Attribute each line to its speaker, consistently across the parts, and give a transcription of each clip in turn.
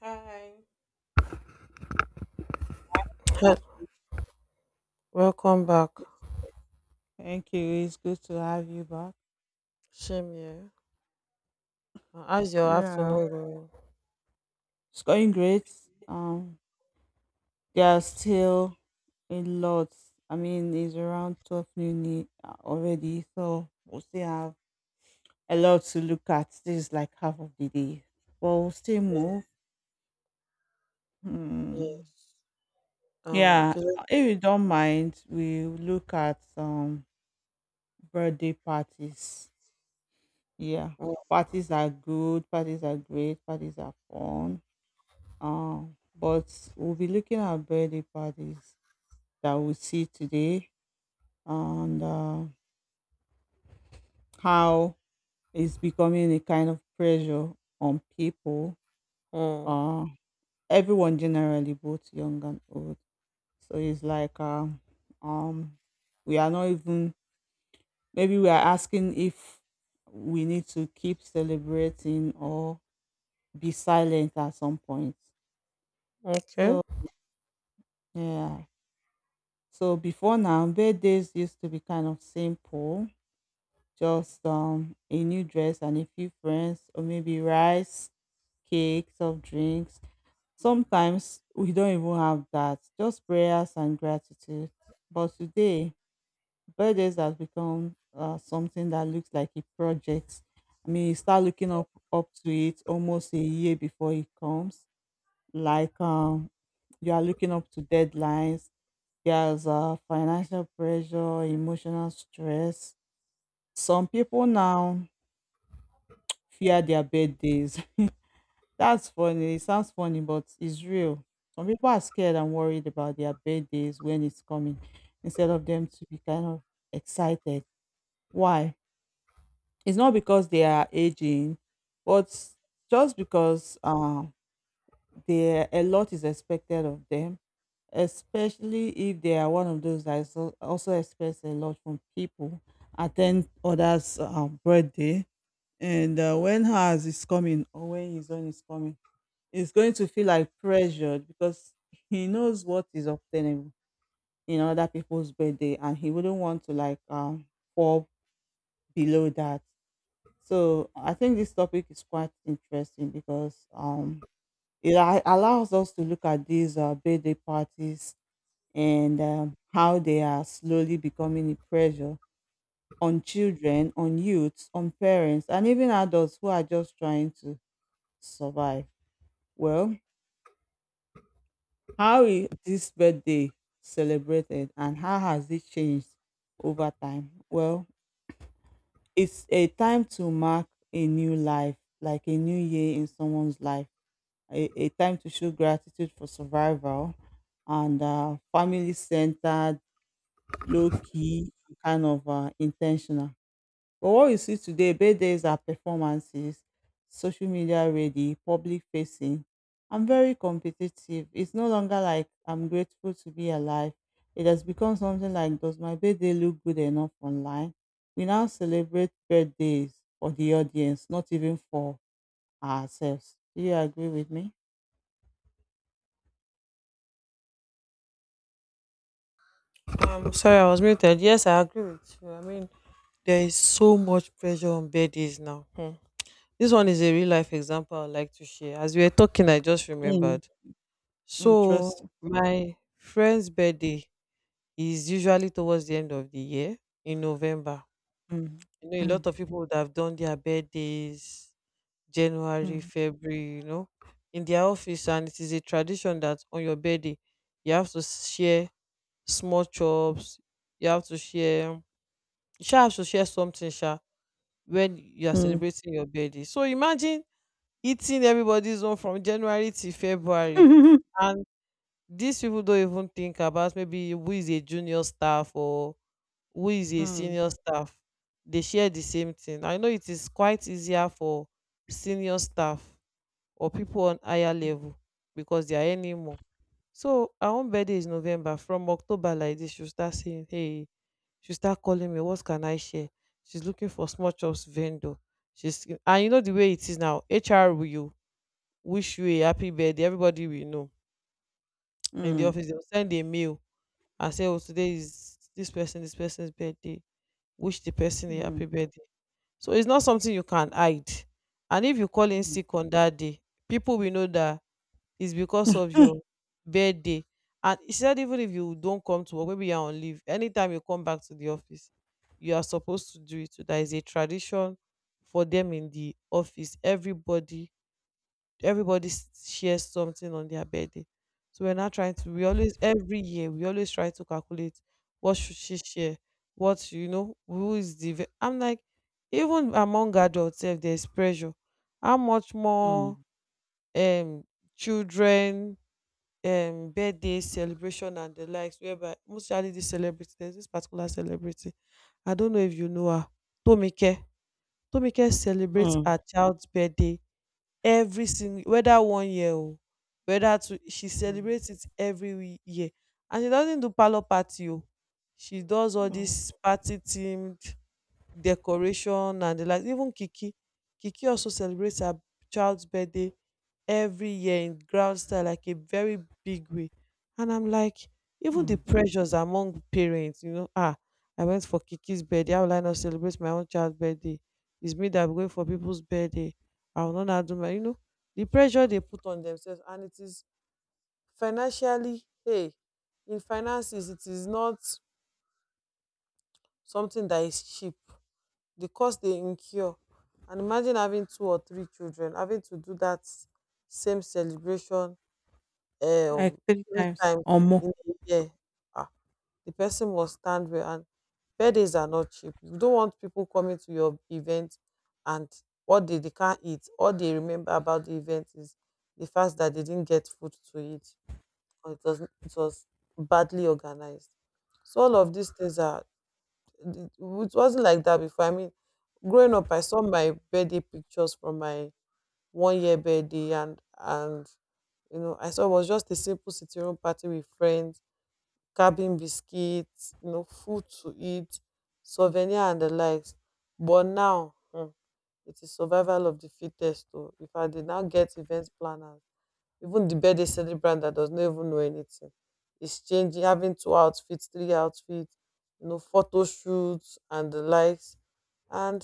Speaker 1: Hi. Hi, Welcome back.
Speaker 2: Thank you. It's good to have you back.
Speaker 1: Shame here. How's your
Speaker 2: Yeah.
Speaker 1: afternoon going?
Speaker 2: It's going great. Um, there's still a lot. I mean, it's around 12 noon already, so we still have a lot to look at. This is like half of the day. But we'll still
Speaker 1: Yeah,
Speaker 2: move. Hmm.
Speaker 1: yes. Um,
Speaker 2: Yeah,
Speaker 1: okay. let-
Speaker 2: if you don't mind, we look at birthday parties. Yeah,
Speaker 1: mm,
Speaker 2: parties are good, parties are great, parties are fun. Uh, but we'll be looking at birthday parties that we see today and how it's becoming a kind of pressure on people,
Speaker 1: mm,
Speaker 2: uh, everyone generally, both young and old. So it's like um, we are not even, maybe we are asking if we need to keep celebrating or be silent at some point. So,
Speaker 1: Okay.
Speaker 2: yeah. So before now, birthdays used to be kind of simple, just a new dress and a few friends, or maybe rice, cake, soft drinks. Sometimes we don't even have that, just prayers and gratitude. But today, birthdays has become something that looks like a project. I mean, you start looking up to it almost a year before it comes, like you are looking up to deadlines. There's financial pressure, emotional stress. Some people now fear their birthdays. That's funny. It sounds funny, but it's real. Some people are scared and worried about their birthdays when it's coming instead of them to be kind of excited. Why? It's not because they are aging, but just because they, a lot is expected of them, especially if they are one of those that is also expects a lot from people, attend others' birthday, and when ours is coming or when his own is coming, it's going to feel like pressured because he knows what is obtainable in other people's birthday, and he wouldn't want to like fall below that. So I think this topic is quite interesting because it allows us to look at these birthday parties and how they are slowly becoming a pressure on children, on youths, on parents, and even adults who are just trying to survive. Well, how is this birthday celebrated and how has it changed over time? Well, it's a time to mark a new life, like a new year in someone's life, a time to show gratitude for survival, and family centered, low key, kind of intentional. But what we see today, birthdays are performances, social media ready, public facing. I'm very competitive. It's no longer like I'm grateful to be alive. It has become something like, does my birthday look good enough online? We now celebrate birthdays for the audience, not even for ourselves. Do you agree with me?
Speaker 1: Sorry, I was muted. Yes, I agree with you. I mean, there is so much pressure on birthdays now. Hmm. This one is a real life example I'd like to share. As we were talking, I just
Speaker 2: Mm,
Speaker 1: remembered. So,
Speaker 2: interesting.
Speaker 1: my friend's birthday is usually towards the end of the year in November.
Speaker 2: Mm.
Speaker 1: You know, a
Speaker 2: Mm.
Speaker 1: lot of people would have done their birthdays January,
Speaker 2: Mm.
Speaker 1: February, you know, in their office. And it is a tradition that on your birthday, you have to share small chops, you have to share, you sha have to share something when you are
Speaker 2: Mm.
Speaker 1: celebrating your birthday. So imagine eating everybody's own from January to February. And these people don't even think about maybe who is a junior staff or who is
Speaker 2: Mm.
Speaker 1: a
Speaker 2: Mm.
Speaker 1: senior staff. They share the same thing. I know it is quite easier for senior staff or people on higher level because they are earning more. So our own birthday is November. From October like this, she'll start saying, "Hey," she'll start calling me, what can I share? She's looking for small chops vendor. She's, and you know the way it is now. HR will, you wish you a happy birthday. Everybody will know. In the
Speaker 2: Mm.
Speaker 1: office, they'll send a mail and say, "Oh, today is this person, this person's birthday. Wish the person a happy
Speaker 2: Mm.
Speaker 1: birthday." So it's not something you can hide. And if you call in
Speaker 2: Mm.
Speaker 1: sick on that day, people will know that it's because of your birthday. And he said, even if you don't come to work, maybe you're on leave, anytime you come back to the office, you are supposed to do it. So that is a tradition for them in the office. Everybody shares something on their birthday. So we're not trying to, we always, every year, we always try to calculate what should she share, what, you know, who is the, ve- I'm like, even among adults, if there's pressure, how much more um children birthday celebration and the likes, whereby mostly this celebrity, there's this particular celebrity. I don't know if you know her. Tomike, Tomike celebrates
Speaker 2: Mm.
Speaker 1: her child's birthday every single, whether 1 year or whether two, she
Speaker 2: Mm.
Speaker 1: celebrates it every year. And she doesn't do parlor party o, she does all
Speaker 2: Mm.
Speaker 1: this party themed decoration and the like. Even Kiki, Kiki also celebrates her child's birthday every year in ground style, like a very big way. And I'm like, even the
Speaker 2: Mm,
Speaker 1: pressures among parents, you know, ah, I went for Kiki's birthday, how will I not celebrate my own child's birthday? It's me that I'm going for people's birthday, I will not now do my, you know, the pressure they put on themselves, and it is financially, hey, in finances, it is not something that is cheap, the cost they incur. And imagine having two or three children having to do that same celebration,
Speaker 2: like
Speaker 1: um,
Speaker 2: 3
Speaker 1: 3
Speaker 2: times
Speaker 1: times
Speaker 2: or more.
Speaker 1: in a year. Ah, the person must stand well, and birthdays are not cheap. You don't want people coming to your event and what they can't eat. All they remember about the event is the fact that they didn't get food to eat, or it was badly organized. So all of these things are, it wasn't like that before. I mean, growing up, I saw my birthday pictures from my 1 year birthday, and you know, I saw it was just a simple sitting room party with friends, cabin biscuits, you know, food to eat, souvenir and the likes. But now, hmm, it is survival of the fittest. Though if I did not get event planners, even the birthday celebrant that does not even know anything is changing, having two outfits, three outfits, you know, photo shoots and the likes. And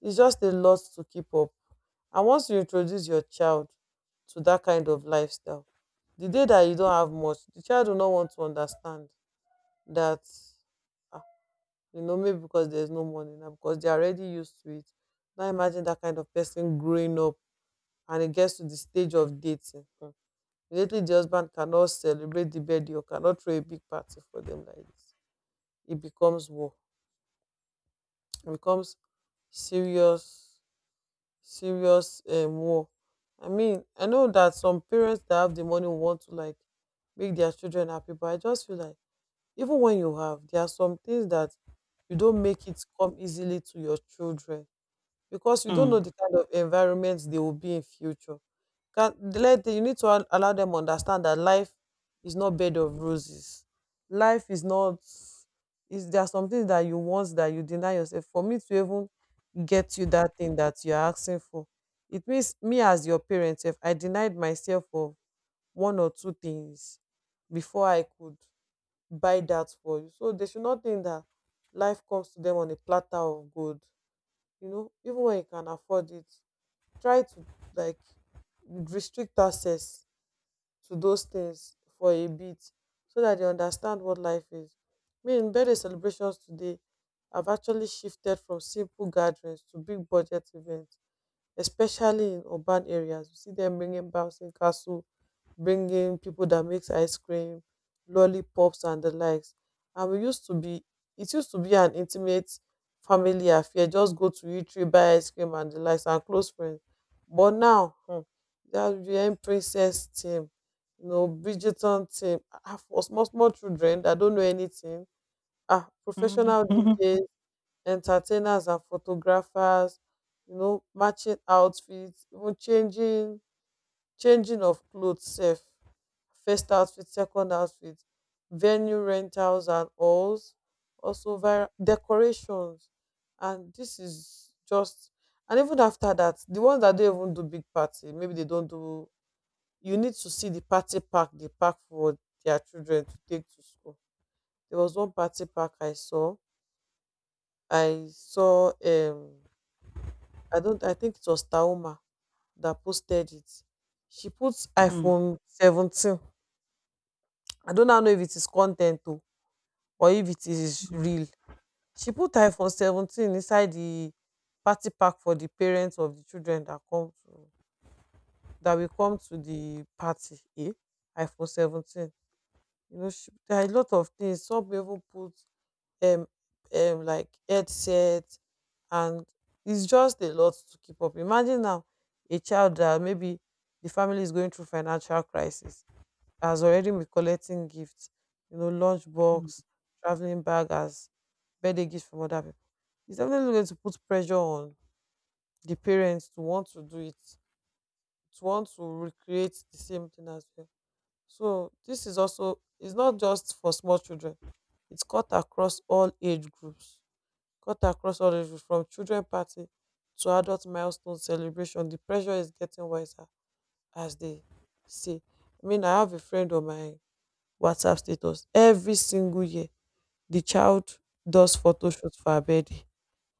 Speaker 1: it's just a lot to keep up. And once you introduce your child to that kind of lifestyle, the day that you don't have much, the child will not want to understand that, ah, you know, maybe because there's no money now, because they're already used to it. Now imagine that kind of person growing up, and it gets to the stage of dating. Hmm. Immediately the husband cannot celebrate the birthday or cannot throw a big party for them like this, it becomes war. It becomes serious, serious, war. I mean, I know that some parents that have the money want to like make their children happy, but I just feel like even when you have, there are some things that you don't make it come easily to your children, because we don't know
Speaker 2: Mm.
Speaker 1: the kind of environment they will be in future. Can let, you need to allow them understand that life is not bed of roses. Life is not, is, there are some things that you want that you deny yourself. For me to even get you that thing that you're asking for, it means me as your parent, if I denied myself of one or two things before I could buy that for you. So they should not think that life comes to them on a platter of gold. You know, even when you can afford it, try to like restrict access to those things for a bit, so that they understand what life is. Me in birthday celebrations today, I've actually shifted from simple gatherings to big budget events, especially in urban areas. You see them bringing bouncing castle, bringing people that makes ice cream, lollipops, and the likes. And we used to be, it used to be an intimate family affair. Just go to eatery, buy ice cream, and the likes, and close friends. But now, hmm, that VM princess team, you know, Bridgerton team, ah, for small small children that don't know anything, ah,
Speaker 2: Mm.
Speaker 1: professional DJs, entertainers and photographers, you know, matching outfits, even changing of clothes sef. First outfit, second outfit, venue rentals and halls, also vira decorations, and this is just, and even after that, the ones that don't even do big party, maybe they don't do, you need to see the party pack they pack for their children to take to school. There was one party pack I saw. I saw I don't, I think it was Taoma that posted it. She put
Speaker 2: Mm.
Speaker 1: iPhone 17. I don't now know if it is content oh, or if it is
Speaker 2: Mm.
Speaker 1: real. She put iPhone 17 inside the party pack for the parents of the children that come to, that will come to the party. Eh? iPhone 17. You know, she, there are a lot of things. Some people put um, like headset, and it's just a lot to keep up. Imagine now a child that maybe the family is going through financial crisis has already been collecting gifts, you know,
Speaker 2: Mm.
Speaker 1: lunchbox, traveling bag as birthday gifts from other people. It's definitely going to put pressure on the parents to want to do it, to want to recreate the same thing as well. So this is also, it's not just for small children. It's cut across all age groups. Cut across all, those from children party to adult milestone celebration, the pressure is getting wiser as they say. I mean, I have a friend on my WhatsApp status. Every single year, the child does photo shoot for her birthday.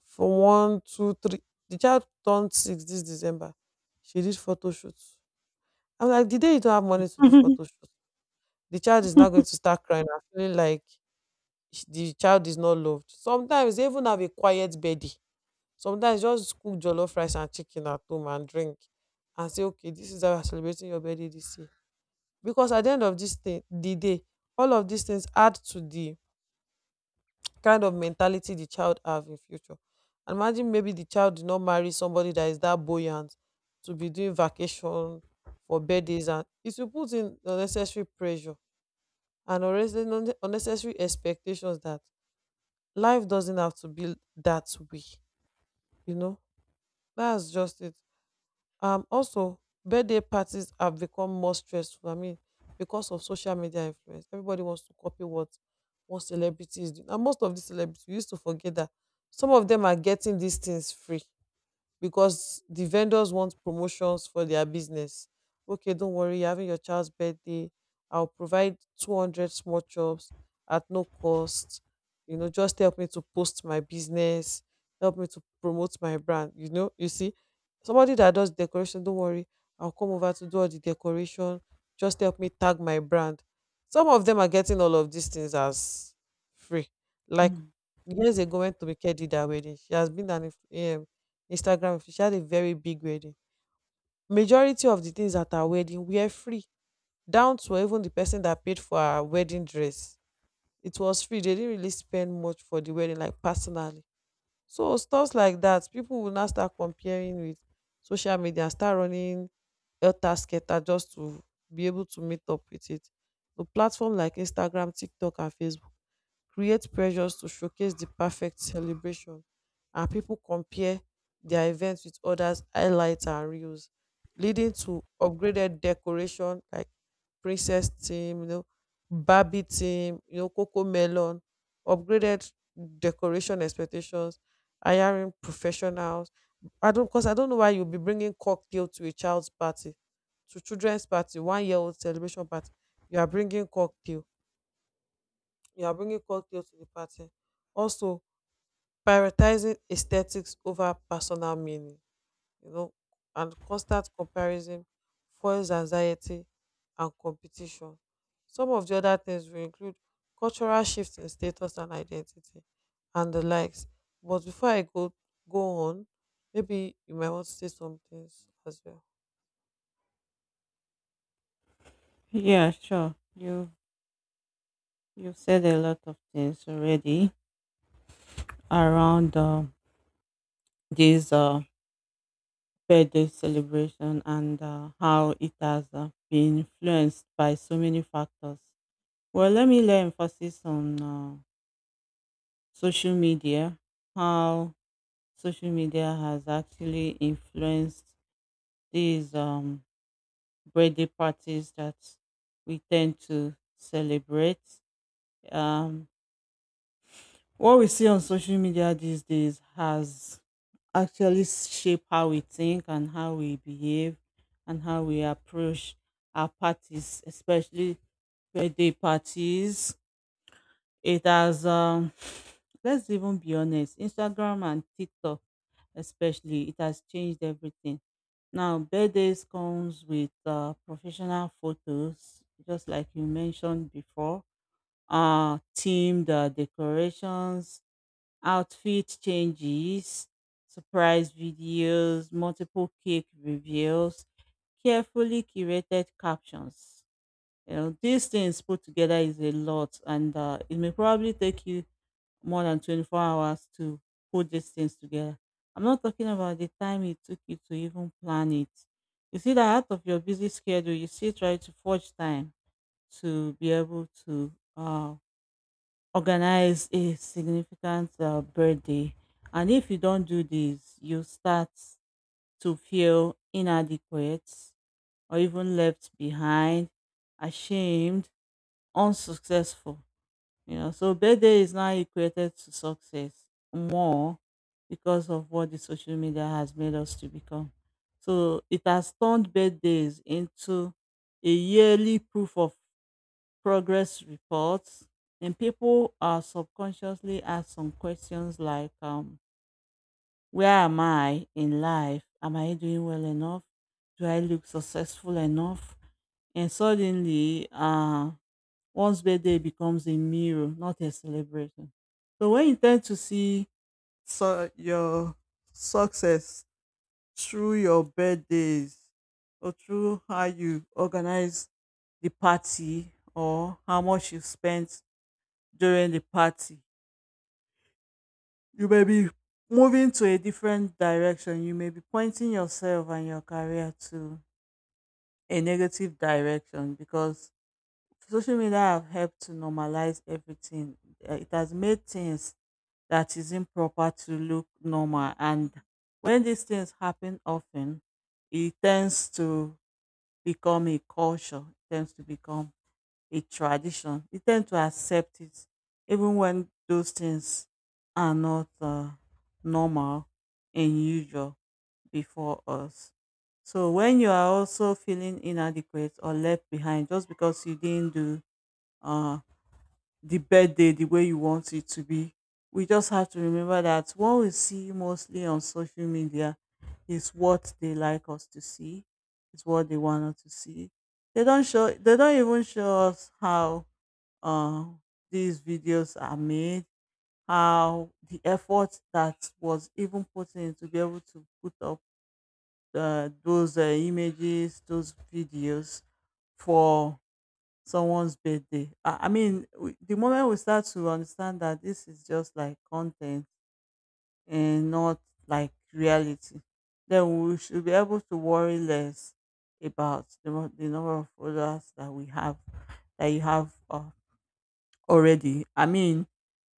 Speaker 1: For one, two, three. The child turned six this December. She did photo shoots. I'm like, the day you don't have money to do photo shoots, the child is not going to start crying and feeling like the child is not loved. Sometimes they even have a quiet birthday. Sometimes just cook jollof rice and chicken at home and drink, and say, okay, this is how you're celebrating your birthday this year. Because at the end of this thing, the day, all of these things add to the kind of mentality the child have in future. And imagine maybe the child did not marry somebody that is that buoyant to be doing vacation for birthdays, and it will put in unnecessary pressure and unnecessary expectations that life doesn't have to be that way, you know. That's just it. Also, birthday parties have become more stressful. I mean, because of social media influence, everybody wants to copy what one celebrity is doing. And most of these celebrities, we used to forget that some of them are getting these things free, because the vendors want promotions for their business. Okay, don't worry, you're having your child's birthday, I'll provide 200 small jobs at no cost. You know, just help me to post my business, help me to promote my brand. You know, you see, somebody that does decoration, don't worry, I'll come over to do all the decoration. Just help me tag my brand. Some of them are getting all of these things as free. Like
Speaker 2: Mm.
Speaker 1: years ago, went to Tomike did her wedding. She has been an influencer Instagram if she had a very big wedding. Majority of the things at her wedding were free, down to even the person that paid for her wedding dress. It was free. They didn't really spend much for the wedding, like personally. So stuff like that, people will now start comparing with social media and start running elter skelter just to be able to meet up with it. A platform like Instagram, TikTok, and Facebook create pressures to showcase the perfect celebration, and people compare their events with others highlights and reels, leading to upgraded decoration like princess team, you know, barbie team, you know, coco melon, upgraded decoration expectations, hiring professionals. I don't, because I don't know why you'll be bringing cocktail to a child's party, to children's party, 1 year old celebration party, you are bringing cocktail, you are bringing culture to the party. Also, prioritizing aesthetics over personal meaning, you know, and constant comparison fuels anxiety and competition. Some of the other things will include cultural shifts in status and identity and the likes. But before I go on, maybe you might want to say some things as well.
Speaker 2: Yeah, sure. You've said a lot of things already around this birthday celebration and how it has been influenced by so many factors. Well, let me lay emphasis on social media, how social media has actually influenced these. Birthday parties that we tend to celebrate. Um, what we see on social media these days has actually shaped how we think and how we behave and how we approach our parties, especially birthday parties. It has let's even be honest, Instagram and TikTok especially, it has changed everything. Now birthdays comes with professional photos, just like you mentioned before. Themed decorations, outfit changes, surprise videos, multiple cake reveals, carefully curated captions. You know, these things put together is a lot, and it may probably take you more than 24 hours to put these things together. I'm not talking about the time it took you to even plan it. You see that out of your busy schedule, you still try to forge time to be able to organize a significant birthday. And if you don't do this, you start to feel inadequate or even left behind, ashamed, unsuccessful. You know, so birthday is now equated to success more because of what the social media has made us to become. So it has turned birthdays into a yearly proof of progress reports, and people are subconsciously ask some questions like, "Where am I in life? Am I doing well enough? Do I look successful enough?" And suddenly, one's birthday becomes a mirror, not a celebration. So when you tend to see so your success through your birthdays or through how you organize the party or how much you spent during the party, you may be moving to a different direction. You may be pointing yourself and your career to a negative direction because social media have helped to normalize everything. It has made things that is improper to look normal. And when these things happen often, it tends to become a culture, it tends to become a tradition. You tend to accept it, even when those things are not normal and usual before us. So when you are also feeling inadequate or left behind just because you didn't do uh, the birthday the way you want it to be. We just have to remember that what we see mostly on social media is what they like us to see, is what they want us to see. They don't show, they don't even show us how uh, these videos are made, how the effort that was even put in to be able to put up those images, those videos for someone's birthday. I mean, we, the moment we start to understand that this is just like content and not like reality, then we should be able to worry less about the, the number of followers that we have, that you have already. I mean,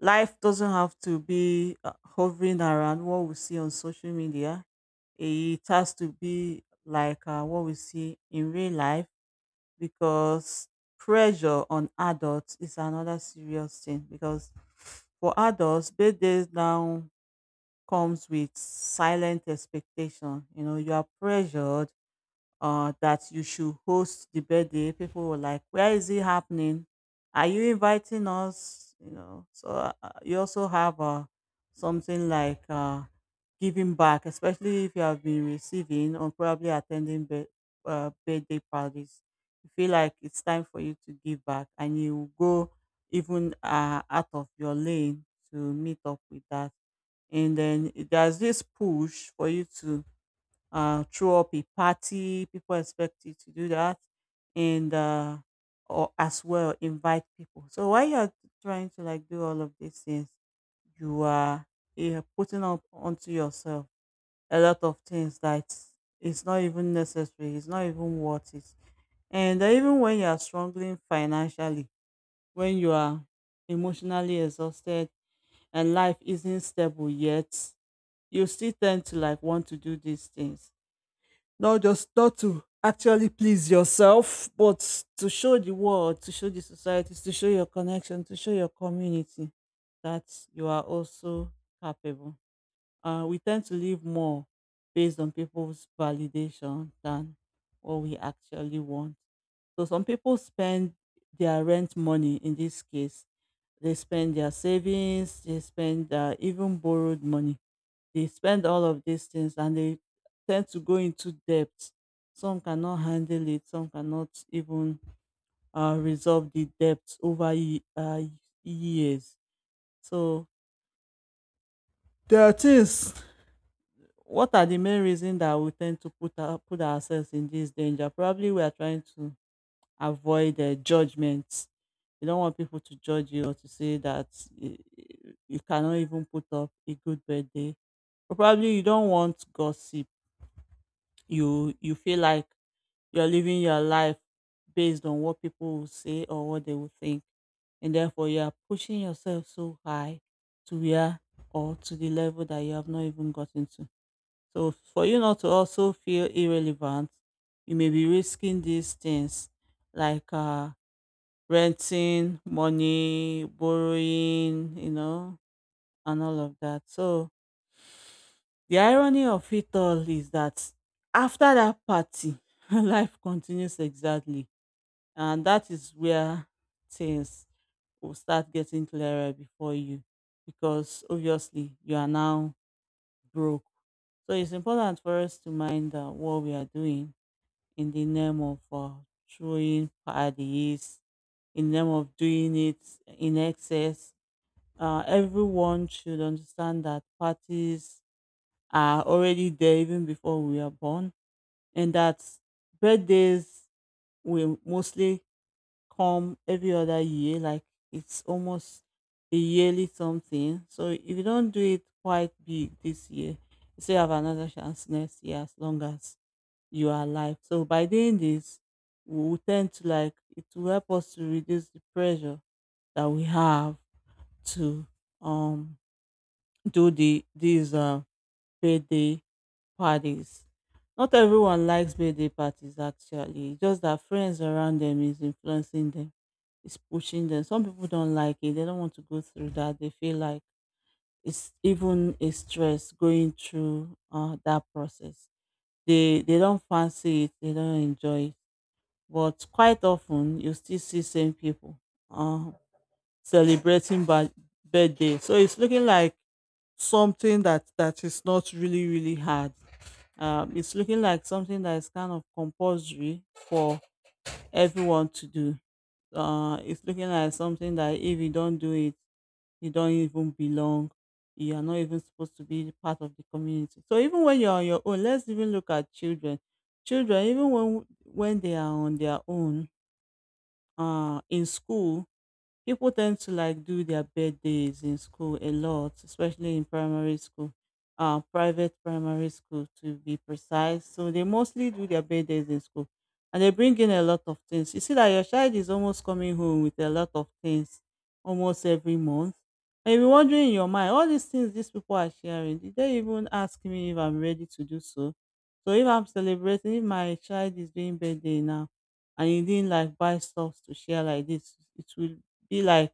Speaker 2: life doesn't have to be hovering around what we see on social media. It has to be like what we see in real life, because pressure on adults is another serious thing because for adults, birthdays now comes with silent expectation. You know, you are pressured that you should host the birthday. People were like, "Where is it happening? Are you inviting us?" You know. So you also have something like giving back, especially if you have been receiving or probably attending birthday parties. You feel like it's time for you to give back, and you go even out of your lane to meet up with that. And then there's this push for you to throw up a party. People expect you to do that, and or as well invite people. So while you're trying to like do all of these things, you are putting up onto yourself a lot of things that it's not even necessary. It's not even worth it. And even when you are struggling financially, when you are emotionally exhausted and life isn't stable yet, you still tend to like want to do these things, not just not to actually please yourself, but to show the world, to show the societies, to show your connection, to show your community that you are also capable. We tend to live more based on people's validation than what we actually want. So some people spend their rent money in this case. They spend their savings, they spend even borrowed money. They spend all of these things and they tend to go into debt. Some cannot handle it. Some cannot even resolve the debt over years. So there are things. What are the main reasons that we tend to put ourselves in this danger? Probably we are trying to avoid judgments. You don't want people to judge you or to say that you cannot even put up a good birthday. Probably you don't want gossip. You feel like you're living your life based on what people will say or what they will think. And therefore, you are pushing yourself so high to where or to the level that you have not even gotten to. So, for you not to also feel irrelevant, you may be risking these things like renting, money, borrowing, you know, and all of that. So, the irony of it all is that after that party, life continues exactly, and that is where things will start getting clearer before you because obviously you are now broke. So it's important for us to mind that what we are doing in the name of showing parties, in the name of doing it in excess. Everyone should understand that parties are already there even before we are born, and that birthdays will mostly come every other year, like it's almost a yearly something. So if you don't do it quite big this year, you still have another chance next year as long as you are alive. So by doing this, we will tend to like it will help us to reduce the pressure that we have to um do these birthday parties. Not everyone likes birthday parties actually. It's just that friends around them is influencing them, is pushing them. Some people don't like it. They don't want to go through that. They feel like it's even a stress going through that process. They don't fancy it. They don't enjoy it. But quite often you still see same people uh, celebrating birthday. So it's looking like something that is not really hard, it's looking like something that is kind of compulsory for everyone to do. It's looking like something that if you don't do it, you don't even belong. You are not even supposed to be part of the community. So even when you're on your own, let's even look at children. Children, even when they are on their own, in school, people tend to like do their birthdays in school a lot, especially in primary school, private primary school to be precise. So they mostly do their birthdays in school and they bring in a lot of things. You see that your child is almost coming home with a lot of things almost every month. And you'll be wondering in your mind, all these things these people are sharing, did they even ask me if I'm ready to do so? So if I'm celebrating, if my child is doing birthday now, and you didn't like buy stuff to share like this, it will be like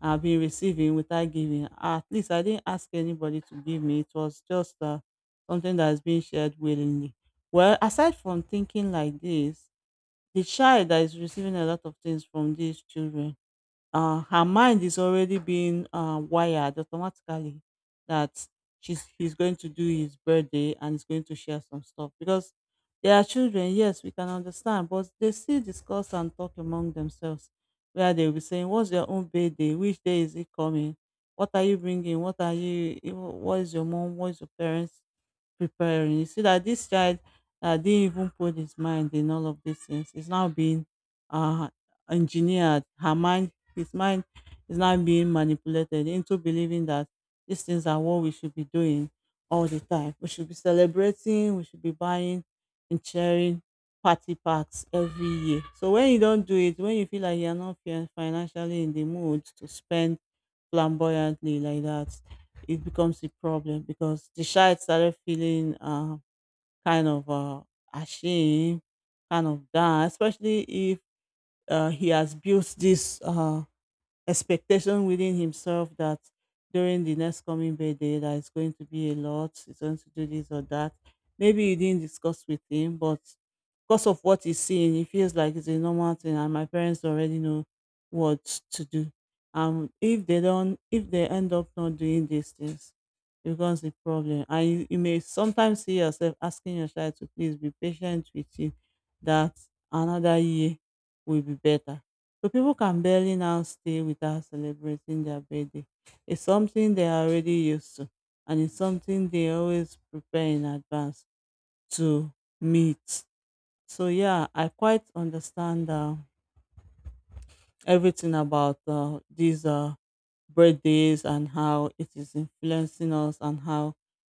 Speaker 2: I've been receiving without giving. At least I didn't ask anybody to give me. It was just something that is being shared willingly. Well, aside from thinking like this, the child that is receiving a lot of things from these children, her mind is already being wired automatically that she's he's going to do his birthday and he's going to share some stuff because they are children. Yes, we can understand, but they still discuss and talk among themselves where they will be saying, "What's your own birthday? Which day is it coming? What are you bringing? What are you? What is your mom? What is your parents preparing. You see that this child didn't even put his mind in all of these things. He's now being, uh, engineered. Her mind, his mind is now being manipulated into believing that these things are what we should be doing all the time. We should be celebrating. We should be buying and sharing party packs every year. So when you don't do it, when you feel like you're not financially in the mood to spend flamboyantly like that, it becomes a problem because the child started feeling kind of, ashamed, kind of down, especially if he has built this. Expectation within himself that during the next coming birthday that it's going to be a lot, he's going to do this or that. Maybe you didn't discuss with him, but because of what he's seeing, he feels like it's a normal thing and my parents already know what to do. If they don't if they end up not doing these things, it becomes a problem. And you may sometimes see yourself asking your child to please be patient with you that another year will be better so people can barely now stay without celebrating their birthday. It's something they are already used to, and it's something they always prepare in advance to meet. So yeah, I quite understand everything about these birthdays and how it is influencing us and how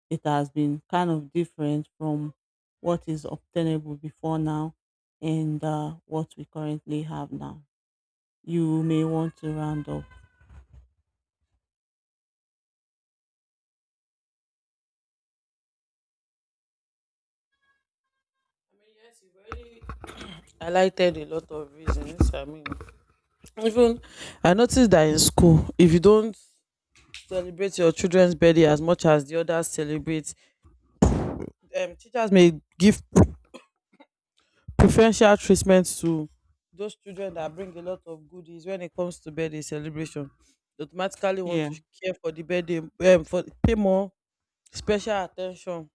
Speaker 2: it has been kind of different from what is obtainable before now and what we currently have now. You may want to round up.
Speaker 1: Yes, you very highlighted a lot of reasons. I mean, even I noticed that in school, if you don't celebrate your children's birthday as much as the others celebrate. Teachers may give preferential treatment to those children that bring a lot of goodies when it comes to birthday celebration. They automatically want
Speaker 2: Yeah.
Speaker 1: to care for the birthday, for pay more special attention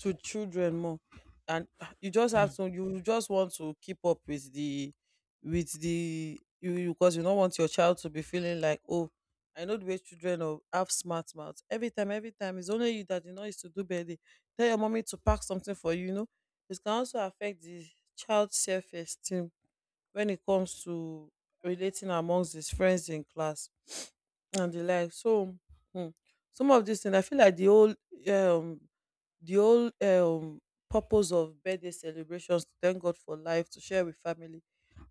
Speaker 1: to children more, and ah, you just have to, you just want to keep up with the, with the, because you don't want your child to be feeling like, oh, I know the way children of have smart mouths. Every time, it's only you that you know is to do better. Tell your mommy to pack something for you, you know. It can also affect the child's self-esteem when it comes to relating amongst his friends in class and the like. So hmm, some of these things, I feel like um the whole purpose of birthday celebrations to thank God for life, to share with family,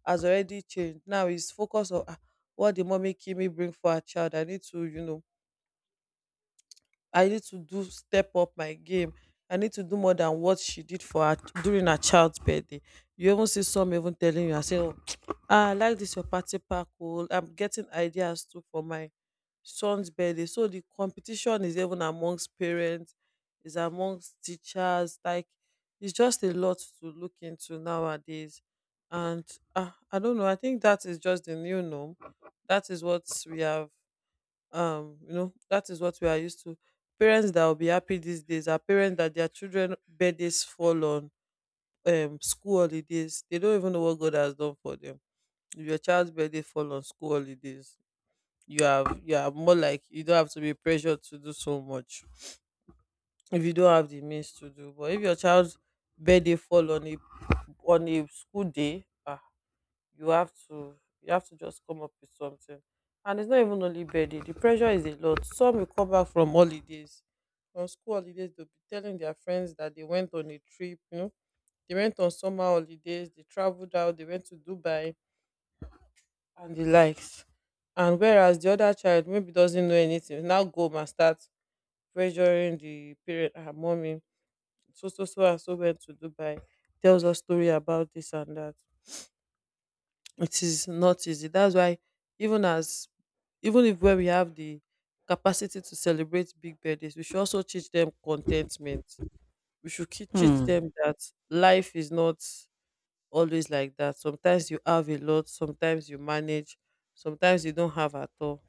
Speaker 1: has already changed. Now it's focus on ah, what the mommy Kimi bring for her child. I need to, I need to do step up my game. I need to do more than what she did for her during her child's birthday. You even see some even telling you, I say, oh, ah, I like this your party pack. Oh, I'm getting ideas too for my son's birthday. So the competition is even amongst parents, is amongst teachers. Like, it's just a lot to look into nowadays. And I don't know. I think that is just the new norm. That is what we have. That is what we are used to. Parents that will be happy these days are parents that their children birthdays fall on school holidays. They don't even know what God has done for them. If your child's birthday fall on school holidays, you have, you are more like you don't have to be pressured to do so much if you don't have the means to do. But if your child's birthday fall on a, on a school day, ah, you have to, just come up with something. And it's not even only birthday, the pressure is a lot. Some will come back from holidays, from school holidays, they'll be telling their friends that they went on a trip, you know, they went on summer holidays, they traveled out, they went to Dubai and the likes. And whereas the other child maybe doesn't know anything, now go and start pressuring the parent, her mommy, so, so, so, and so went to Dubai, tells us story about this and that. It is not easy. That's why, even as, even if where we have the capacity to celebrate big birthdays, we should also teach them contentment. We should teach
Speaker 2: Hmm.
Speaker 1: them that life is not always like that. Sometimes you have a lot, sometimes you manage, sometimes you don't have at all.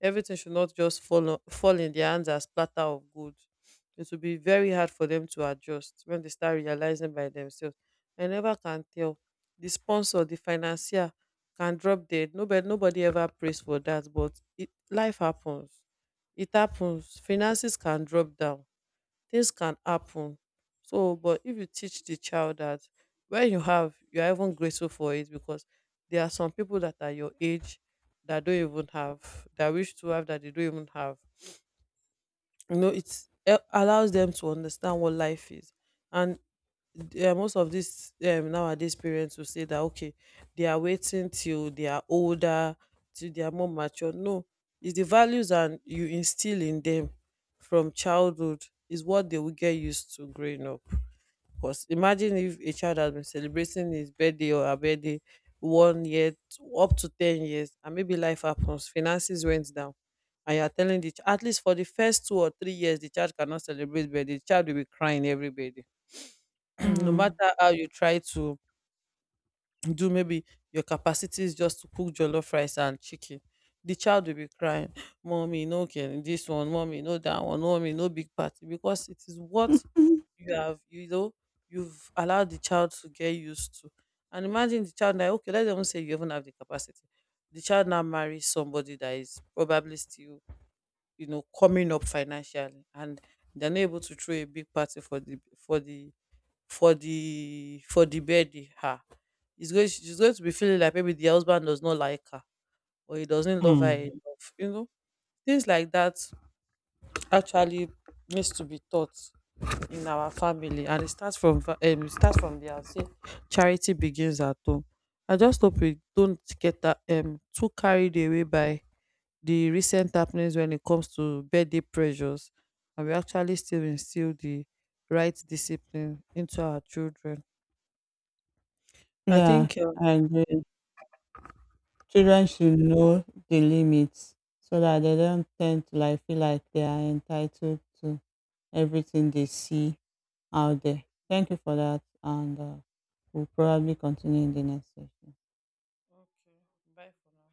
Speaker 1: Everything should not just fall in their hands as platter of gold. It will be very hard for them to adjust when they start realizing by themselves. I never can tell. The sponsor, the financier can drop dead. Nobody ever prays for that, but it life happens. It happens. Finances can drop down, things can happen. So, but if you teach the child that when you have, you are even grateful for it, because there are some people that are your age that don't even have, that wish to have that they don't even have. You know, it allows them to understand what life is. And yeah, most of these nowadays parents will say that okay, they are waiting till they are older, till they are more mature. No, it's the values and you instill in them from childhood is what they will get used to growing up. Because imagine if a child has been celebrating his birthday or her birthday 1 year up to 10 years, and maybe life happens, finances went down. And you are telling at least for the first 2 or 3 years, the child cannot celebrate birthday. The child will be crying every birthday no
Speaker 2: Hmm.
Speaker 1: matter how you try to do. Maybe your capacity is just to cook jollof rice and chicken, the child will be crying, mommy no can this one, mommy no that one, mommy no big party, because it is what you have, you know, you've allowed the child to get used to. And imagine the child now, okay, let's even say you even have the capacity, the child now marries somebody that is probably still, you know, coming up financially, and they're not able to throw a big party for the, for the baby. Ah, it's going, she's going to be feeling like maybe the husband does not like her, or he doesn't love her
Speaker 2: Hmm.
Speaker 1: enough. You know, things like that actually needs to be taught in our family, and it starts from it starts from there. I say charity begins at home. I just hope we don't get that too carried away by the recent happenings when it comes to birthday pressures, and we actually still instill the right discipline into our children. I
Speaker 2: Yeah,
Speaker 1: think
Speaker 2: I
Speaker 1: yeah.
Speaker 2: agree. Children should know the limits so that they don't tend to like feel like they are entitled to everything they see out there.
Speaker 1: Yes.
Speaker 2: Thank you for that, and we'll probably continue in the next session.
Speaker 1: Okay. Bye for now.